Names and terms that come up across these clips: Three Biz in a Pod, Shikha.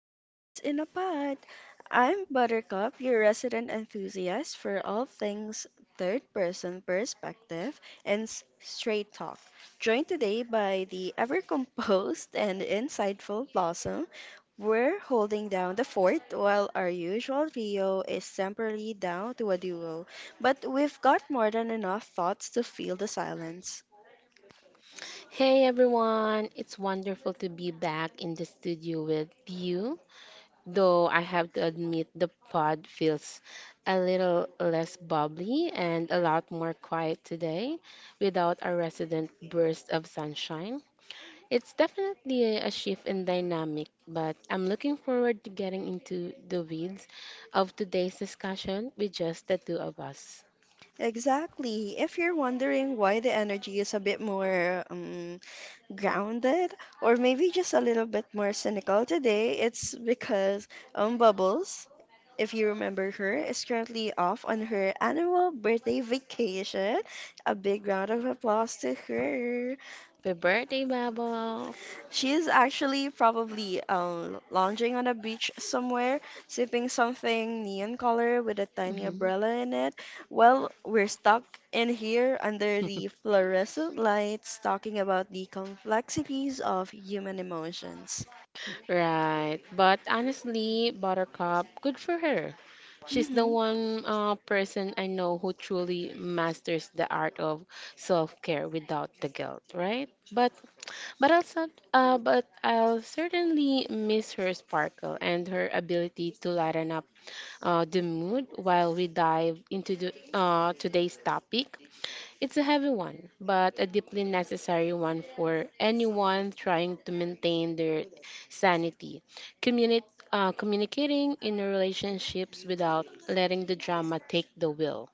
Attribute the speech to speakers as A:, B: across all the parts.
A: Three Biz in a Pod. I'm Buttercup, your resident enthusiast for all things third person perspective and straight talk. Joined today by the ever composed and insightful Blossom. We're holding down the fort while our usual trio is temporarily down to a duo, but we've got more than enough thoughts to fill the silence.
B: Hey everyone, it's wonderful to be back in the studio with you. Though I have to admit, the pod feels a little less bubbly and a lot more quiet today without a resident burst of sunshine. It's definitely a shift in dynamic, but I'm looking forward to getting into the weeds of today's discussion with just the two of us.
A: Exactly. If you're wondering why the energy is a bit more grounded, or maybe just a little bit more cynical today, it's because Bubbles, if you remember her, is currently off on her annual birthday vacation. A big round of applause to her.
B: Happy birthday, Bubbles!
A: She's actually probably lounging on a beach somewhere, sipping something neon color with a tiny
B: Mm-hmm.
A: umbrella in it. Well, we're stuck in here under the fluorescent lights talking about the complexities of human emotions.
B: Right. But honestly, Buttercup, good for her. She's the one person I know who truly masters the art of self-care without the guilt, right? But I'll certainly miss her sparkle and her ability to lighten up the mood while we dive into today's topic. It's a heavy one, but a deeply necessary one for anyone trying to maintain their sanity. Communi- communicating in relationships without letting the drama take the wheel.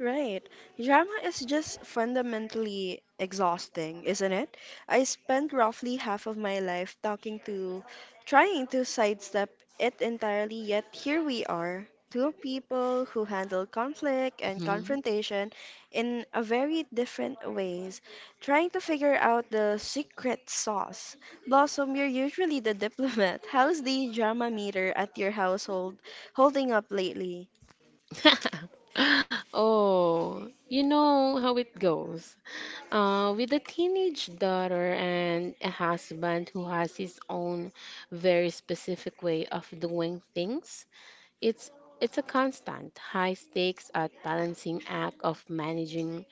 A: Right. Drama is just fundamentally exhausting, isn't it? I spent roughly half of my life talking to, trying to sidestep it entirely, yet here we are, two people who handle conflict and
B: Mhm.
A: confrontation in a very different ways, trying to figure out the secret sauce. Blossom, you're usually the diplomat. How's the drama meter at your household holding up lately?
B: Oh, you know how it goes. With a teenage daughter and a husband who has his own very specific way of doing things, It's it's a constant high stakes at balancing act of managing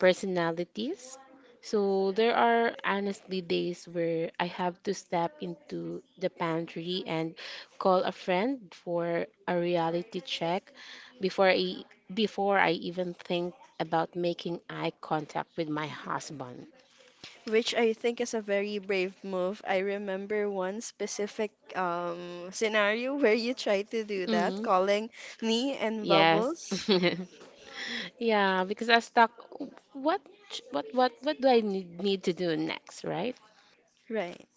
B: personalities. So there are honestly days where I have to step into the pantry and call a friend for a reality check before I before I even think about making eye contact with my husband.
A: Which I think is a very brave move. I remember one specific scenario where you tried to do that,
B: Mm,
A: calling me and
B: yes.
A: Bubbles.
B: Yeah, because I stuck what ch- what do I need to do next, right?
A: Right.